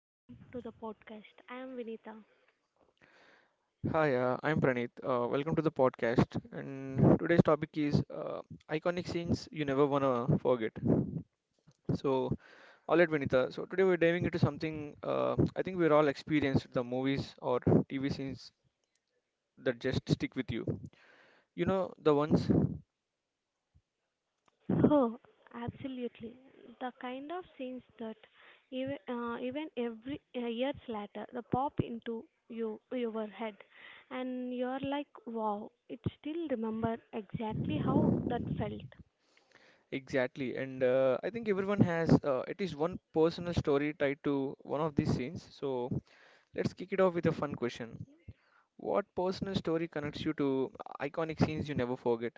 welcome to the podcast. I am Vinita. Hi, I'm Praneeth. Welcome to the podcast. And today's topic is iconic scenes you never wanna forget. So, all right, Vinita. So today we're diving into something I think we're all experienced the movies or TV scenes that just stick with you. You know the ones Oh, absolutely. The kind of scenes that even every years later, they pop into your head, and you're like, wow, it still remember exactly how that felt. exactly. And I think everyone has at least one personal story tied to one of these scenes. So let's kick it off with a fun question. What personal story connects you to iconic scenes you never forget?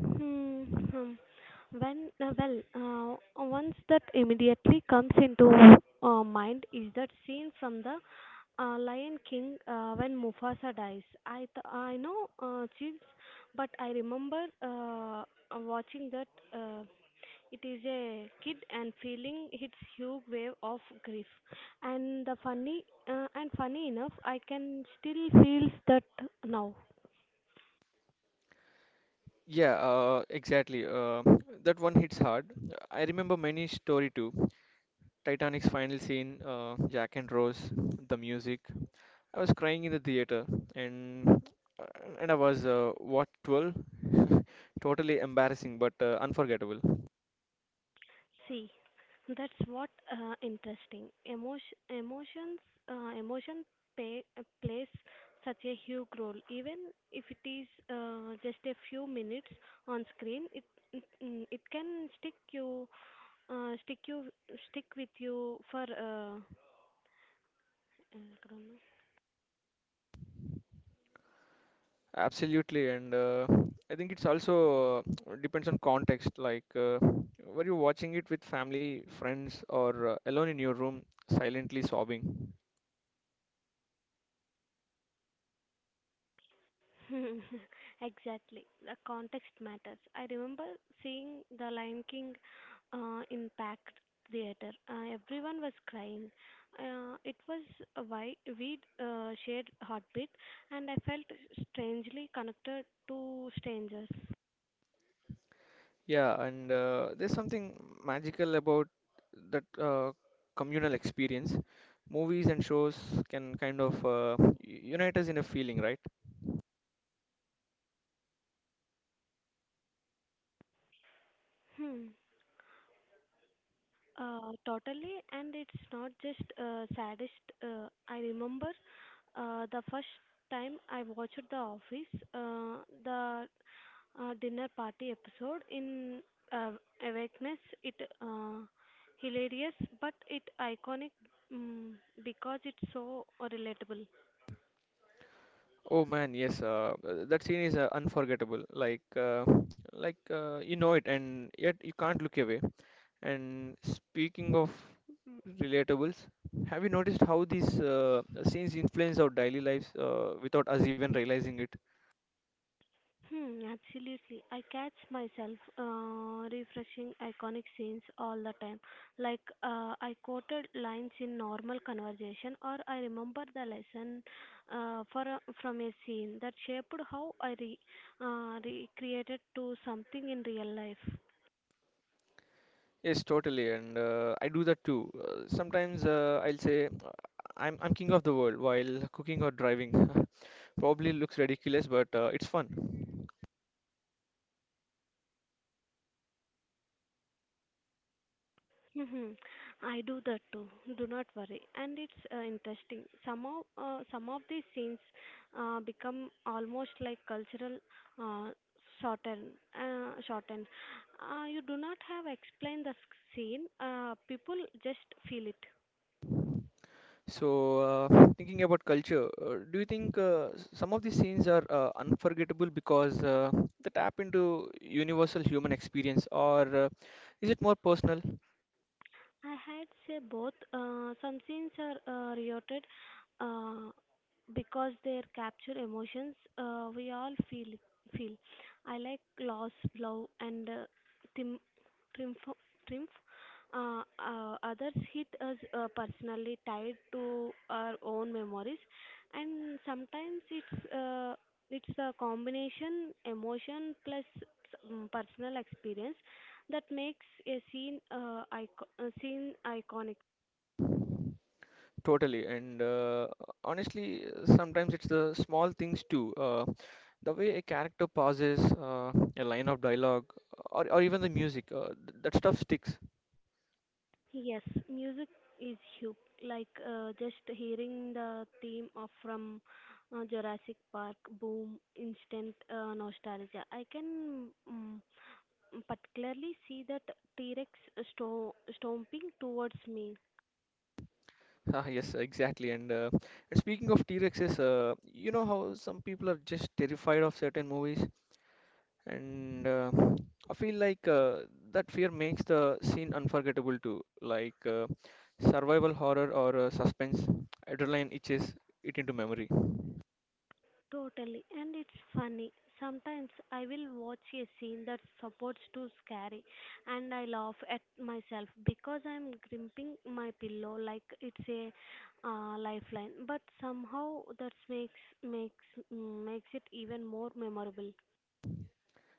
Hmm, hmm. When once that immediately comes into mind is that scene from the Lion King, when Mufasa dies, I know Chiefs, but I remember watching that uh, it is a kid and feeling its huge wave of grief, and the funny enough, I can still feel that now. Yeah, exactly. That one hits hard. I remember many story too. Titanic's final scene, Jack and Rose, the music. I was crying in the theater, and uh, and I was what 12? Totally embarrassing, but unforgettable. See, that's what interesting. Emotion plays such a huge role. Even if it is just a few minutes on screen, it can uh, stick you, stick with you for. Uh, Absolutely, and I think it's also depends on context. Like, were you watching it with family, friends, or alone in your room, silently sobbing? Exactly. The context matters. I remember seeing The Lion King in packed theater. Everyone was crying. It was a wi- we shared heartbeat, and I felt strangely connected to strangers. Yeah, and there's something magical about that communal experience. Movies and shows can kind of unite us in a feeling, right? Hmm. Totally, and it's not just saddest. I remember the first time I watched The Office. The dinner party episode in uh, awakeness it uh, hilarious but it iconic mm, because it's so relatable. Oh man, yes. That scene is unforgettable. You know it, and yet you can't look away. And speaking of relatables, have you noticed how these scenes influence our daily lives without us even realizing it? Hmm, absolutely. I catch myself refreshing iconic scenes all the time, like I quoted lines in normal conversation or I remember the lesson from a scene that shaped how I recreated to something in real life. Yes, totally, and I do that too. Sometimes I'll say "I'm king of the world" while cooking or driving. Probably looks ridiculous, but it's fun. Hmm, I do that too. Do not worry. And it's interesting. Some of these scenes become almost like cultural uh, shorten shorten. You do not have explain the scene. People just feel it. So, uh, thinking about culture, do you think some of these scenes are unforgettable because they tap into universal human experience, or is it more personal? I had say both. Some scenes are reiterated uh, because they capture emotions we all feel. I like loss, love, and tim- triumph. Triumph. Others hit us personally, tied to our own memories, and sometimes it's a combination emotion plus personal experience that makes a scene icon- a scene iconic. Totally, and honestly, sometimes it's the small things too. The way a character pauses, a line of dialogue, or even the music, that stuff sticks. Yes, music is huge. Like just hearing the theme of from Jurassic Park, boom, instant nostalgia. I can particularly see that T-Rex stomping towards me. Ah, yes, exactly. And speaking of T-Rexes, you know how some people are just terrified of certain movies, and I feel like that fear makes the scene unforgettable too. Like survival horror or suspense, adrenaline itches it into memory. Totally, and it's funny. Sometimes I will watch a scene that's supposed to scary, and I laugh at myself because I'm gripping my pillow like it's a lifeline. But somehow that makes it even more memorable.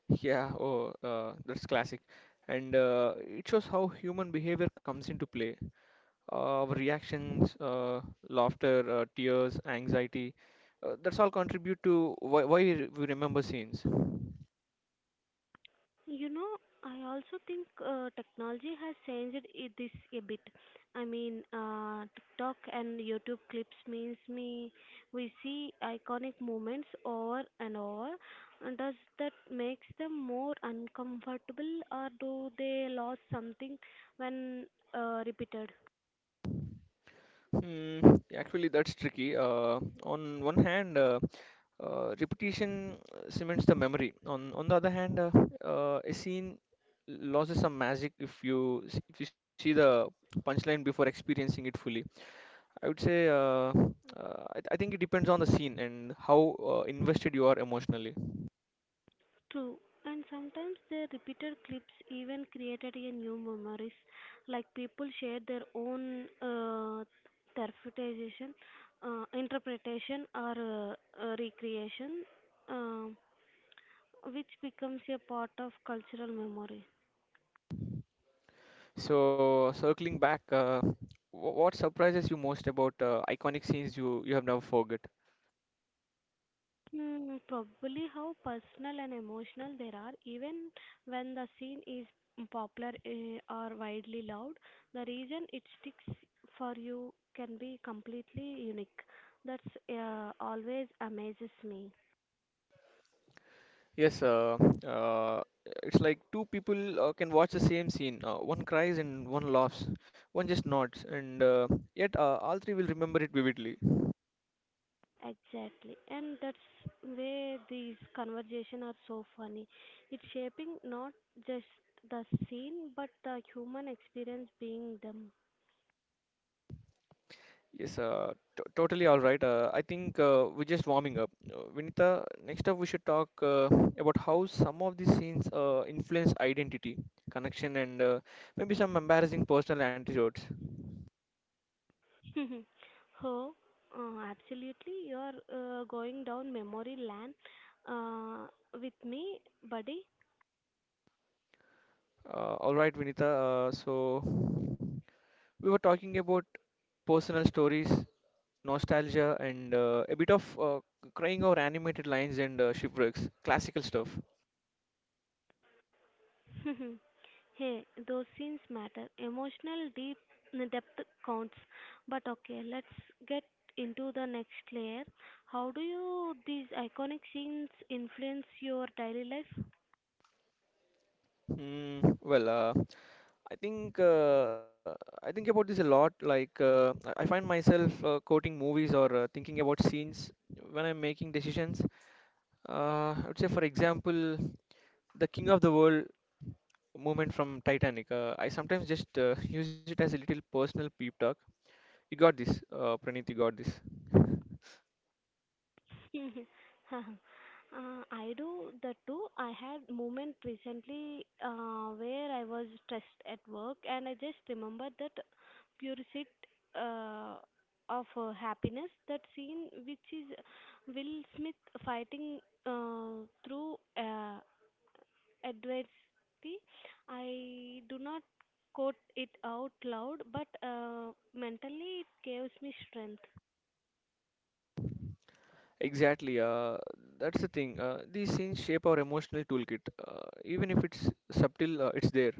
Yeah, oh, that's classic. And it shows how human behavior comes into play. Our reactions, laughter, tears, anxiety. That's all contribute to why we we remember scenes. You know, I also think technology has changed it this a bit. I mean, TikTok and YouTube clips means me we see iconic moments over and over. And does that makes them more uncomfortable, or do they lose something when repeated? Hmm, actually, that's tricky. On one hand, repetition cements the memory. On the other hand, a scene loses some magic if you if you see the punchline before experiencing it fully. I would say I think it depends on the scene and how invested you are emotionally. True, and sometimes the repeated clips even created a new memories. Like people shared their own interpretation, interpretation or recreation, um, which becomes a part of cultural memory. So, circling back, what surprises you most about iconic scenes you have never forgot? Hmm, probably how personal and emotional they are. Even when the scene is popular, eh, or widely loved, the reason it sticks for you can be completely unique. That's always amazes me. Yes, uh, it's like two people can watch the same scene. One cries and one laughs. One just nods, and yet all three will remember it vividly. Exactly, and that's where these conversation are so funny. It's shaping not just the scene but the human experience being them. Yes, t totally, all right. I think we're just warming up. Vinita, next up we should talk about how some of these scenes influence identity, connection, and maybe some embarrassing personal anecdotes. Oh, absolutely. You're going down memory lane uh, with me, buddy. All right, Vinita. So we were talking about personal stories, nostalgia, and a bit of crying over animated lines and shipwrecks, classical stuff. Hey, those scenes matter. Emotional deep depth counts. But okay, let's get into the next layer. How do you these iconic scenes influence your daily life? Mm, well, I think uh, I think about this a lot. Like I find myself quoting movies or thinking about scenes when I'm making decisions. I would say, for example, the King of the World moment from Titanic. I sometimes just use it as a little personal peep talk. You got this, Praneeth, you got this. I do the two. I had moment recently where I was stressed at work, and I just remember that pure sit uh, of happiness. That scene, which is Will Smith fighting through adversity. I do not quote it out loud, but mentally it gives me strength. Exactly. That's the thing. These scenes shape our emotional toolkit. Even if it's subtle, it's there.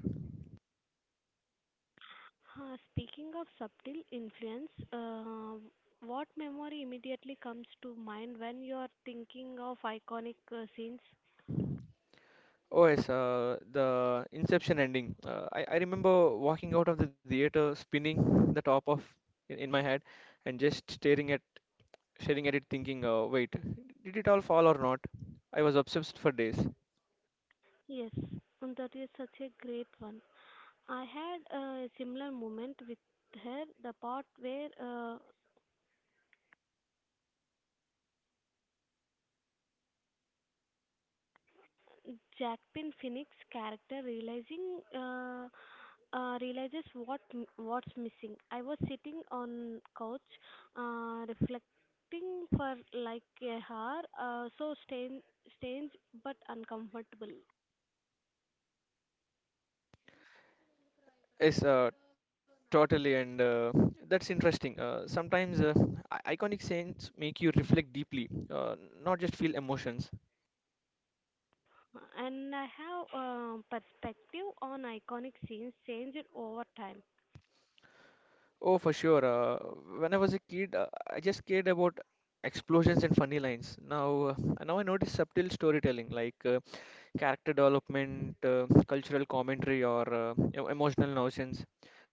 Huh, speaking of subtle influence, what memory immediately comes to mind when you are thinking of iconic scenes? Oh, yes, the Inception ending. I remember walking out of the theater spinning the top of in my head and just staring at it thinking, wait, did it all fall or not? I was obsessed for days. Yes, and that is such a great one. I had a similar moment with her, the part where Jackpin Phoenix character realizing realizes what's missing. I was sitting on couch, reflecting for like a hour. So strange but uncomfortable. Yes, totally, and that's interesting. Sometimes iconic scenes make you reflect deeply, not just feel emotions. And I have, um, perspective on iconic scenes changed over time. Oh, for sure. When I was a kid, I just cared about explosions and funny lines. Now, now I notice subtle storytelling like character development, cultural commentary, or emotional notions.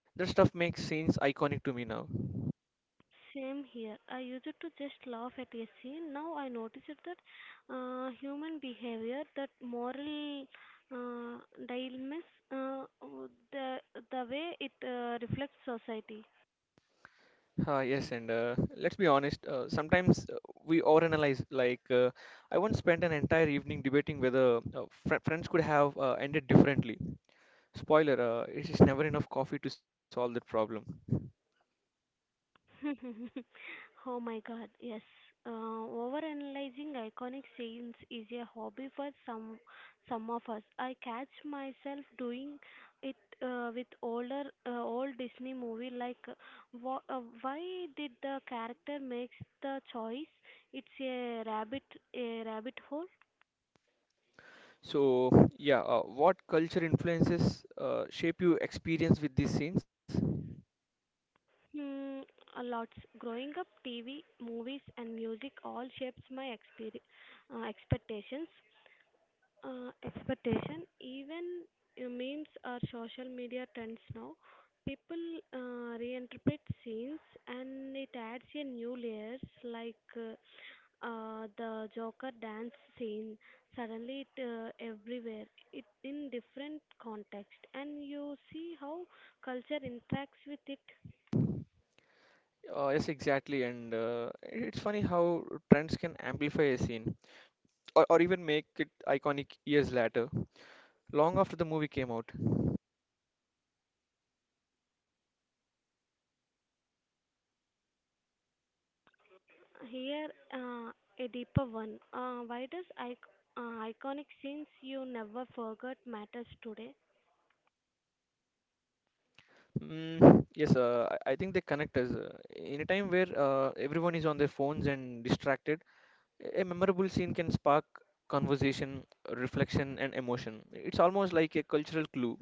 That stuff makes scenes iconic to me now. Same here. I used to just laugh at a scene. Now I notice it that human behavior, that moral uh, dilemmas, the the way it reflects society. Yes, and let's be honest, sometimes we overanalyze. Like, I once spent an entire evening debating whether fr friends could have ended differently. Spoiler, it is never enough coffee to solve that problem. Oh my god, yes. Overanalyzing iconic scenes is a hobby for some of us. I catch myself doing it with old Disney movie like why did the character makes the choice? It's a rabbit hole. So, yeah, what culture influences shape your experience with these scenes? Hmm, a lots. Growing up, TV, movies, and music all shapes my expectations, expectation even memes or social media trends now people reinterpret scenes and it adds a new layers like the Joker dance scene, suddenly it everywhere, it in different context and you see how culture interacts with it. Yes, exactly. And it's funny how trends can amplify a scene, or even make it iconic years later, long after the movie came out. Here uh, a deeper one, why does I iconic scenes you never forgot matters today? Mm, yes, I think they connect us. In a time where everyone is on their phones and distracted, a memorable scene can spark conversation, reflection, and emotion. It's almost like a cultural clue.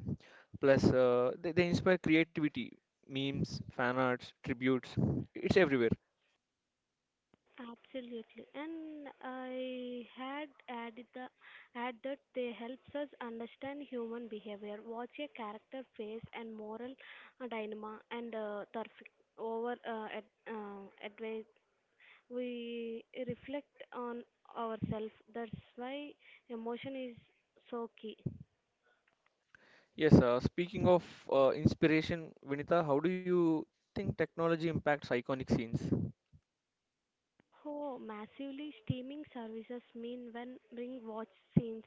Plus, they inspire creativity, memes, fan arts, tributes. It's everywhere. Absolutely, and I had added the add that they helps us understand human behavior, watch a character face and moral dilemma, and advice. We reflect on ourselves. That's why emotion is so key. Yes, speaking of inspiration, Vinita, how do you think technology impacts iconic scenes? Oh, massively, streaming services mean when bring watch scenes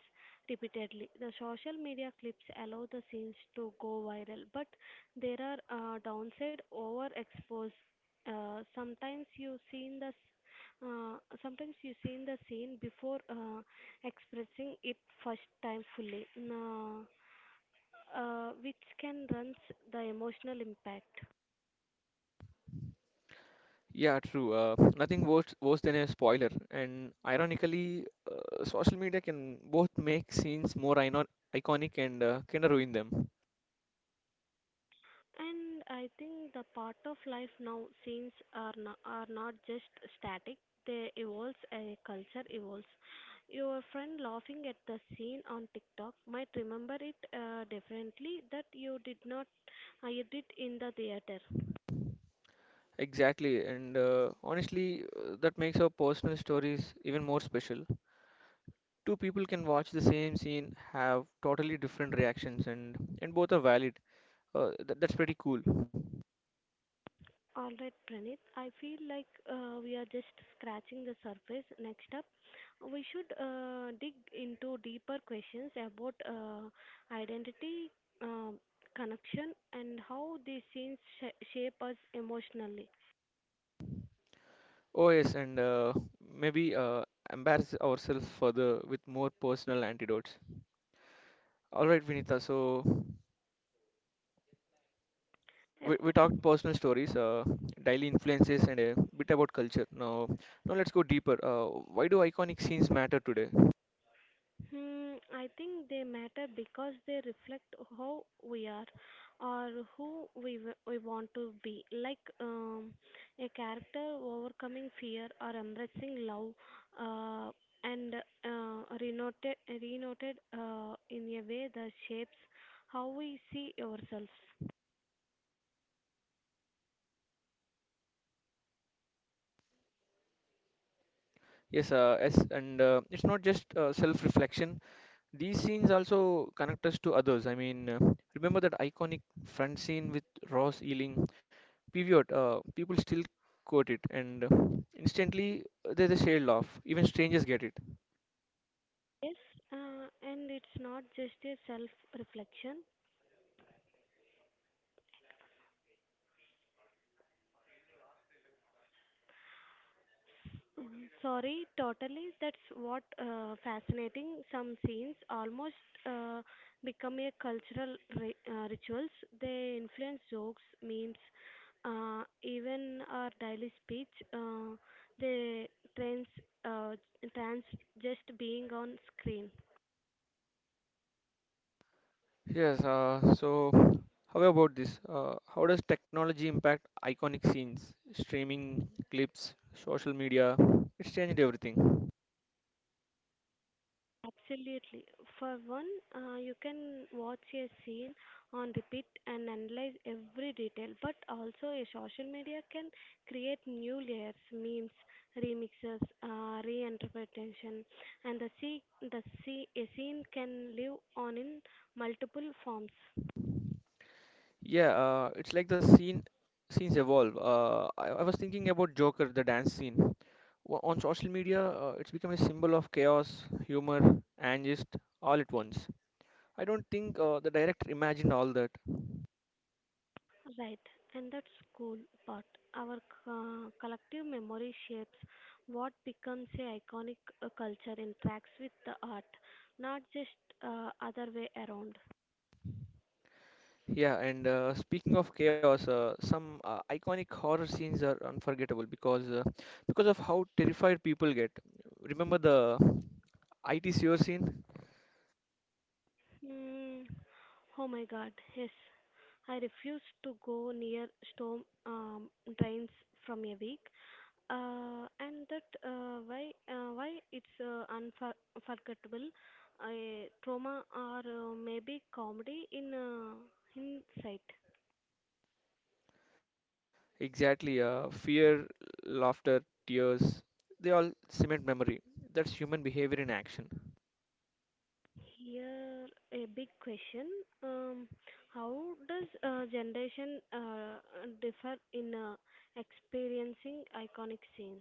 repeatedly. The social media clips allow the scenes to go viral, but there are downside overexpose. Uh, sometimes you seen the s- Sometimes you seen the scene before expressing it first time fully, which can runs the emotional impact. Yeah, true. Nothing worse than a spoiler. And ironically, social media can both make scenes more iconic and kind of ruin them. And I think the part of life now, scenes are not just static. They evolve, a culture evolves. Your friend laughing at the scene on TikTok might remember it differently that you did not you did in the theater. Exactly. And honestly, that makes our personal stories even more special. Two people can watch the same scene, have totally different reactions, and both are valid. Th That's pretty cool. All right, Pranit. I feel like we are just scratching the surface. Next up, we should dig into deeper questions about identity, um, connection, and how these scenes shape us emotionally. Oh yes, and maybe embarrass ourselves further with more personal antidotes. All right, Vinita. So we talked personal stories, daily influences, and a bit about culture. Now let's go deeper. Why do iconic scenes matter today? Hmm, I think they matter because they reflect how we are or who we want to be. Like, a character overcoming fear or embracing love uh, and renoted in a way that shapes how we see ourselves. Yes, and it's not just self-reflection. These scenes also connect us to others. I mean, remember that iconic front scene with Ross Ealing? Pivot. People still quote it, and instantly there's a shared laugh. Even strangers get it. Yes, and it's not just a self reflection. Sorry, totally. That's what fascinating. Some scenes almost uh, become a cultural rituals. They influence jokes, memes, even our daily speech. They trans uh, Trans just being on screen. Yes, so how about this? How does technology impact iconic scenes, streaming, clips, social media? It's changed everything. Absolutely. For one, you can watch a scene on repeat and analyze every detail, but also a social media can create new layers, memes, remixes, reinterpretation, and a scene can live on in multiple forms. Yeah, it's like the scenes evolve. I was thinking about Joker, the dance scene. On social media, it's become a symbol of chaos, humor, and just all at once. I don't think the director imagined all that. Right, and that's cool part. Our collective memory shapes what becomes a iconic, culture interacts with the art, not just other way around. Yeah, and speaking of chaos, some iconic horror scenes are unforgettable because of how terrified people get. Remember the IT sewer scene? Hmm. Oh my God, yes. I refuse to go near storm, drains from a week, and that why it's unforgettable, a trauma or maybe comedy in hindsight. Exactly. Fear, laughter, tears, they all cement memory. That's human behavior in action. Here, a big question. Um, how does generation differ in experiencing iconic scenes?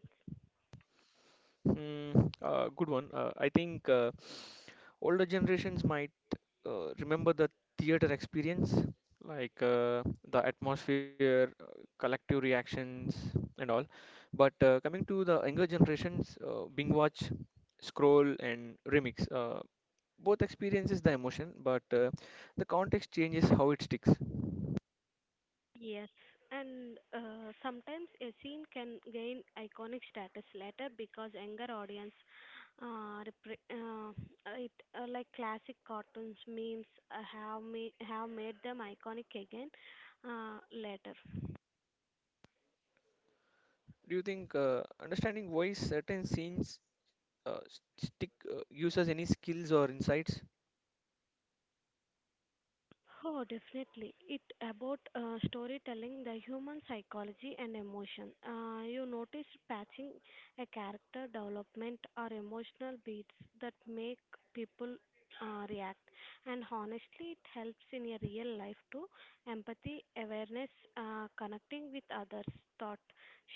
Hmm, good one. I think. Older generations might remember the theater experience like the atmosphere, collective reactions and all, but coming to the younger generations, bing watch, scroll and remix, both experiences the emotion, but the context changes how it sticks. Yes, and sometimes a scene can gain iconic status later because younger audience uh, repre- uh, it like classic cartoons memes have made them iconic again later. Do you think understanding why certain scenes stick uses any skills or insights? Oh, definitely. It about storytelling, the human psychology and emotion. You notice patching a character development or emotional beats that make people react, and honestly, it helps in your real life too. Empathy, awareness, connecting with others, thought,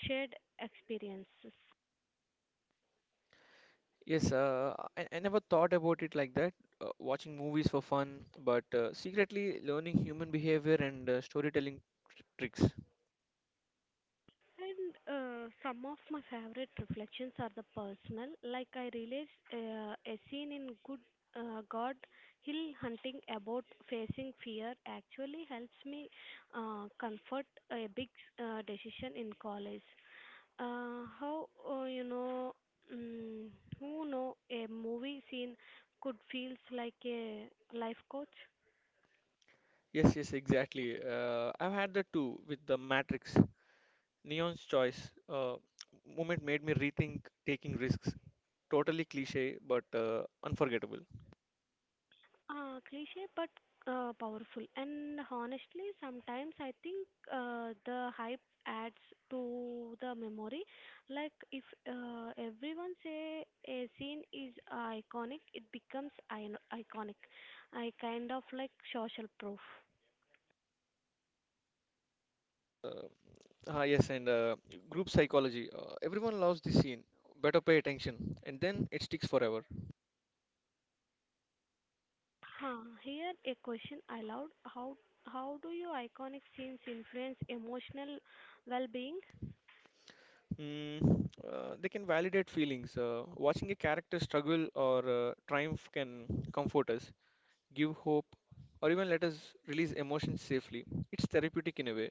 shared experiences. Yes, I never thought about it like that, watching movies for fun, but secretly learning human behavior and storytelling tricks. And some of my favorite reflections are the personal, like I realized a scene in Good God Hill Hunting about facing fear actually helps me comfort a big decision in college. How You know, mm, who know a movie scene could feels like a life coach? Yes, exactly. I've had that too with The Matrix. Neon's Choice moment made me rethink taking risks. Totally cliche, but unforgettable. Cliche but powerful. And honestly, sometimes I think the hype adds to the memory. Like if everyone say a scene is iconic, it becomes iconic. I kind of like social proof. Uh, yes, and group psychology. Everyone loves this scene. Better pay attention, and then it sticks forever. Huh, here a question I allowed. How do your iconic scenes influence emotional well-being? Mm, they can validate feelings. Watching a character struggle or triumph can comfort us, give hope, or even let us release emotions safely. It's therapeutic in a way.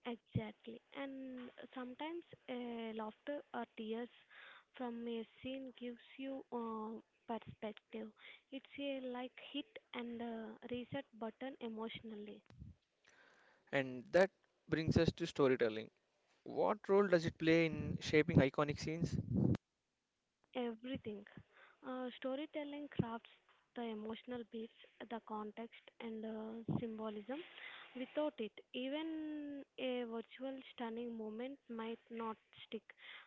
Exactly. And sometimes laughter or tears from a scene gives you perspective. It's a like hit and reset button emotionally. And that brings us to storytelling. What role does it play in shaping iconic scenes? Everything. Storytelling crafts the emotional beats, the context, and symbolism. Without it, even a virtual stunning moment might not stick.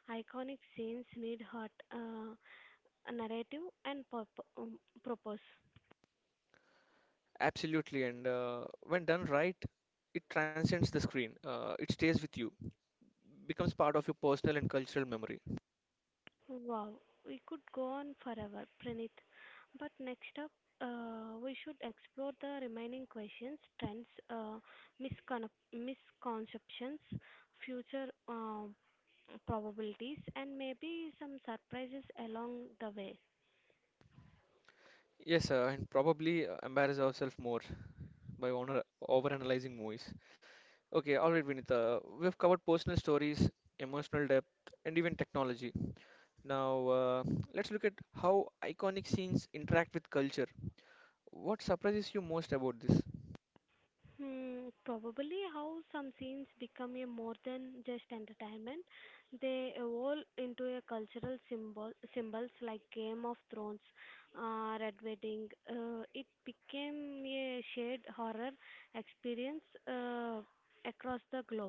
Iconic scenes need heart. Narrative and purpose. Absolutely. And when done right, it transcends the screen, it stays with you, becomes part of your personal and cultural memory. Wow, we could go on forever, Pranit. But next up, we should explore the remaining questions, trends, misconceptions, future, probabilities, and maybe some surprises along the way. Yes, and probably embarrass ourselves more by overanalyzing movies. Okay, all right, Vinita. We've covered personal stories, emotional depth, and even technology. Now, let's look at how iconic scenes interact with culture. What surprises you most about this? Hmm, probably how some scenes become a more than just entertainment. They evolve into a cultural symbols like Game of Thrones, Red Wedding. It became a shared horror experience across the globe.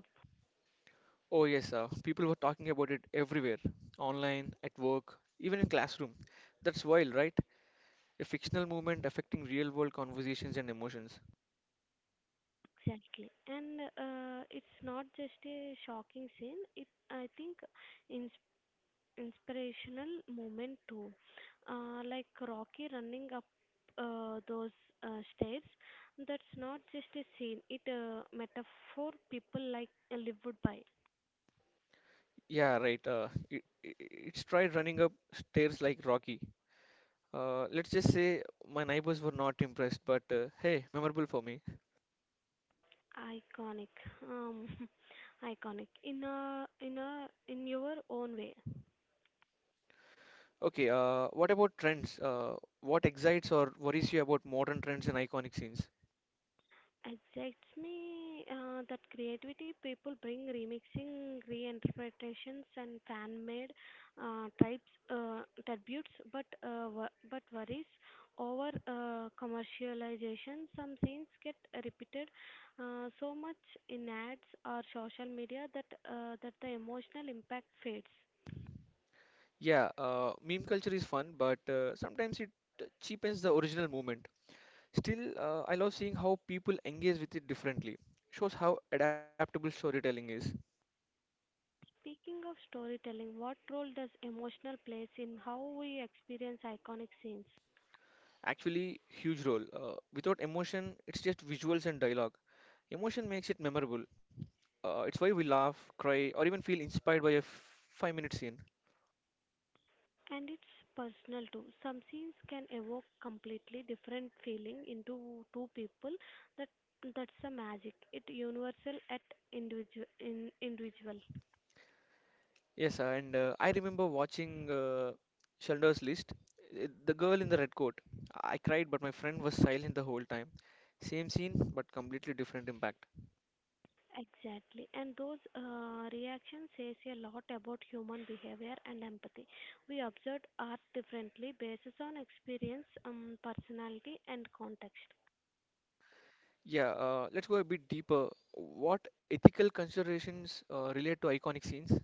Oh, yes, people were talking about it everywhere, online, at work, even in classroom. That's wild, right? A fictional movement affecting real-world conversations and emotions. Exactly, and it's not just a shocking scene. It, I think, inspirational moment too. Like Rocky running up those stairs, that's not just a scene, it a metaphor people like lived by. Yeah, right. It's tried running up stairs like Rocky. Let's just say my neighbors were not impressed, but hey, memorable for me. Iconic, um, iconic in a in a in your own way. Okay, what about trends? What excites or worries you about modern trends and iconic scenes? Excites me that creativity people bring remixing reinterpretations and fan made types tributes, but but worries over commercialization, some things get repeated so much in ads or social media that that the emotional impact fades. Yeah, meme culture is fun, but sometimes it cheapens the original movement. Still, I love seeing how people engage with it differently. Shows how adaptable storytelling is. Speaking of storytelling, what role does emotional plays in how we experience iconic scenes? Actually, huge role. Without emotion, it's just visuals and dialogue. Emotion makes it memorable. It's why we laugh, cry, or even feel inspired by a 5 minute scene. And it's personal too, some scenes can evoke completely different feeling into two people, that that's the magic. It universal at individual. Yes, and I remember watching Schindler's List, the girl in the red coat. I cried, but my friend was silent the whole time. Same scene, but completely different impact. Exactly, and those reactions says a lot about human behavior and empathy. We observe art differently based on experience, personality and context. Yeah, let's go a bit deeper. What ethical considerations relate to iconic scenes?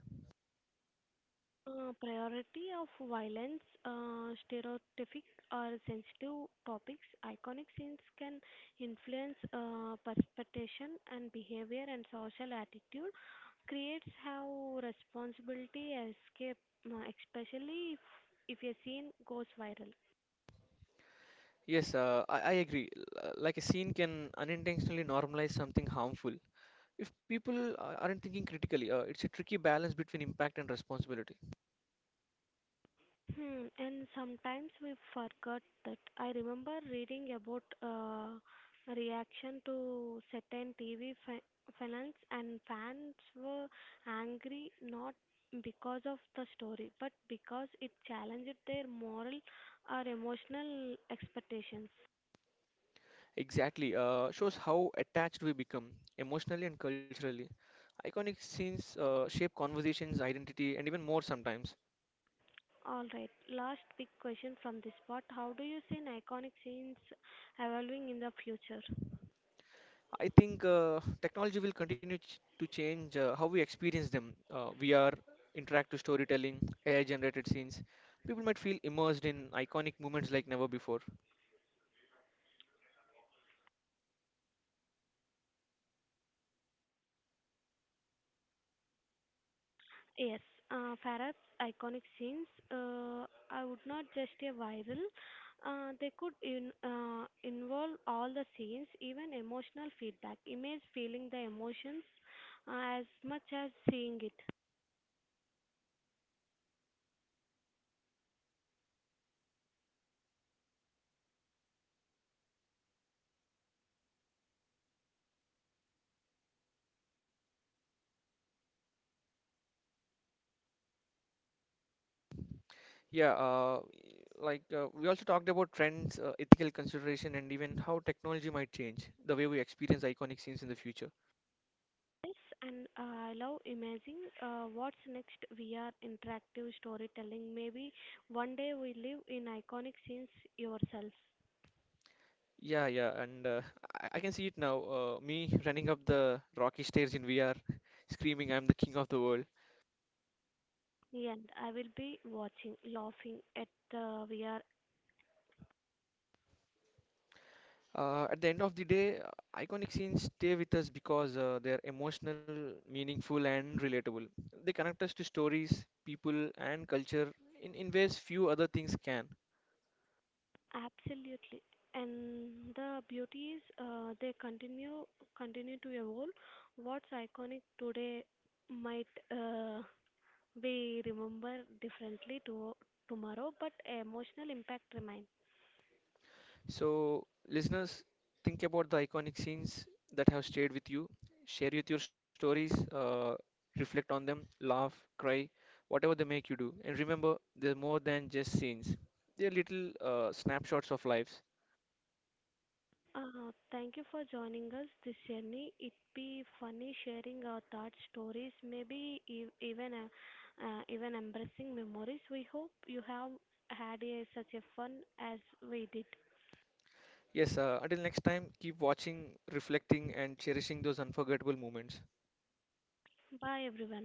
Priority of violence, stereotypic or sensitive topics, iconic scenes can influence perception and behavior and social attitude. Creates have responsibility escape, especially if a scene goes viral. Yes, I agree. L- like a scene can unintentionally normalize something harmful. If people aren't thinking critically, it's a tricky balance between impact and responsibility. Hmm, and sometimes we forgot that. I remember reading about reaction to certain TV finals, and fans were angry not because of the story, but because it challenged their moral or emotional expectations. Exactly, shows how attached we become emotionally and culturally. Iconic scenes shape conversations, identity, and even more sometimes. All right, last big question from this part: how do you see an iconic scenes evolving in the future? I think technology will continue to change how we experience them. VR, interactive storytelling, AI generated scenes. People might feel immersed in iconic moments like never before. Yes, Farah's iconic scenes, I would not just a viral. They could involve all the scenes, even emotional feedback, image feeling the emotions as much as seeing it. Yeah, like we also talked about trends, ethical consideration, and even how technology might change the way we experience iconic scenes in the future. Yes, and I love imagining what's next, VR interactive storytelling. Maybe one day we live in iconic scenes yourselves. Yeah, and I can see it now. Me running up the rocky stairs in VR, screaming, "I'm the king of the world." Yeah, and I will be watching, laughing at the VR. At the end of the day, iconic scenes stay with us because they're emotional, meaningful, and relatable. They connect us to stories, people, and culture in ways few other things can. Absolutely. And the beauty is they continue to evolve. What's iconic today might uh, be remembered differently to tomorrow, but emotional impact remains. So, listeners, think about the iconic scenes that have stayed with you. Share with your stories, reflect on them, laugh, cry, whatever they make you do. And remember, they're more than just scenes, they're little snapshots of lives. Thank you for joining us this journey. It be funny sharing our thoughts, stories, maybe even embracing memories. We hope you have had a, such a fun as we did. Yes, until next time, keep watching, reflecting, and cherishing those unforgettable moments. Bye everyone.